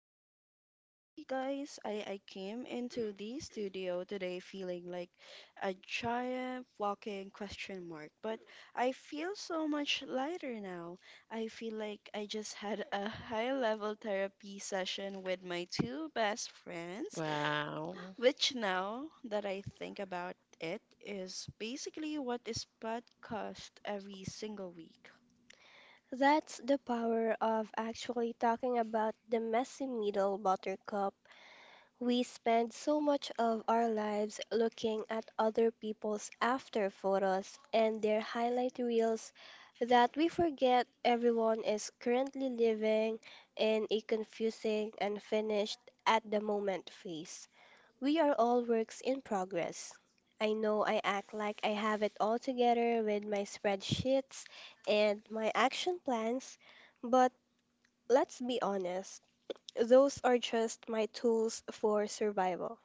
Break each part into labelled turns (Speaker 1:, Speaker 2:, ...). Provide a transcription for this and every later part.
Speaker 1: up, honestly, guys, I came into the studio today feeling like a giant walking question mark, but I feel so much lighter now. I feel like I just had a high level therapy session with my two best friends,
Speaker 2: Wow,
Speaker 1: which now that I think about it is basically what is podcast every single week.
Speaker 3: That's the power of actually talking about the messy middle, buttercup. We spend so much of our lives looking at other people's after photos and their highlight reels that we forget everyone is currently living in a confusing and finished at the moment phase. We are all works in progress. I know I act like I have it all together with my spreadsheets and my action plans, but let's be honest, those are just my tools for survival.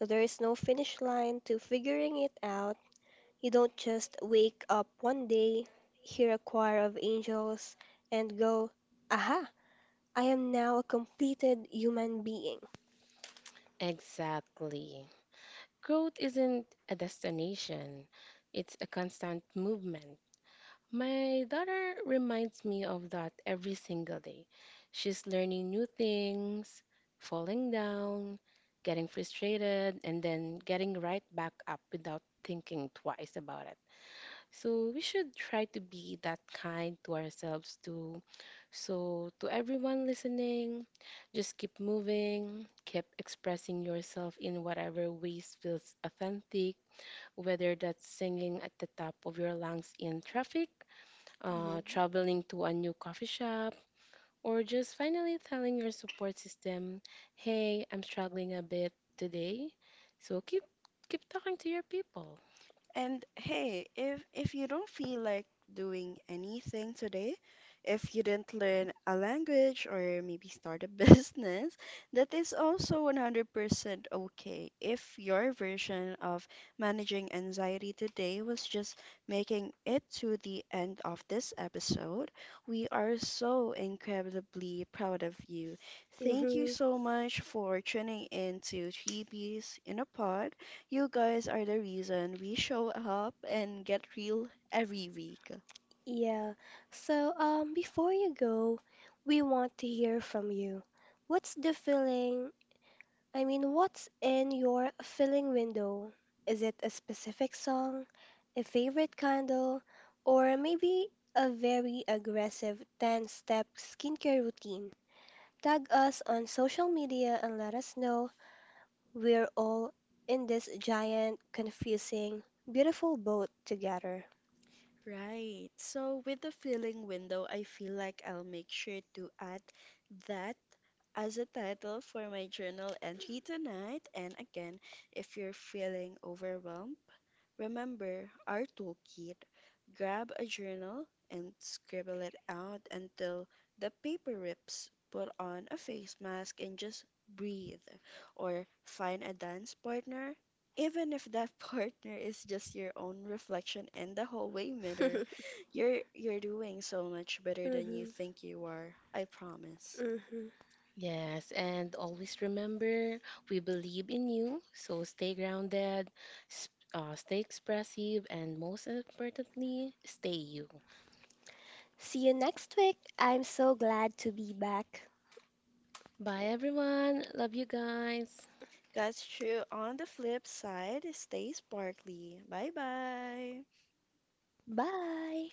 Speaker 3: There is no finish line to figuring it out. You don't just wake up one day, hear a choir of angels, and go, aha, I am now a completed human being.
Speaker 2: exactly. Growth isn't a destination, it's a constant movement. My daughter reminds me of that every single day. She's learning new things, falling down, getting frustrated, and then getting right back up without thinking twice about it. So we should try to be that kind to ourselves too. So, to everyone listening, just keep moving, keep expressing yourself in whatever ways feels authentic, whether that's singing at the top of your lungs in traffic, traveling to a new coffee shop, or just finally telling your support system, hey, I'm struggling a bit today. So, keep talking to your people.
Speaker 1: And hey, if you don't feel like doing anything today, if you didn't learn a language or maybe start a business, that is also 100% okay. If your version of managing anxiety today was just making it to the end of this episode, we are so incredibly proud of you. Thank you so much for tuning in to Three Bees in a Pod. You guys are the reason we show up and get real every week.
Speaker 3: Yeah. So, before you go, we want to hear from you. What's the feeling? I mean, what's in your feeling window? Is it a specific song, a favorite candle, or maybe a very aggressive 10-step skincare routine? Tag us on social media and let us know. We're all in this giant, confusing, beautiful boat together.
Speaker 1: Right. So with the filling window, I feel like I'll make sure to add that as a title for my journal entry tonight. And again, if you're feeling overwhelmed, remember our toolkit. Grab a journal and scribble it out until the paper rips. Put on a face mask and just breathe. Or find a dance partner even if that partner is just your own reflection in the hallway mirror, you're doing so much better than you think you are. I promise.
Speaker 2: Yes, and always remember we believe in you. So stay grounded, s- stay expressive, and most importantly, stay you.
Speaker 3: See you next week. I'm so glad to be back.
Speaker 2: Bye, everyone. Love you guys.
Speaker 1: That's true. On the flip side, stay sparkly. Bye bye.
Speaker 3: Bye.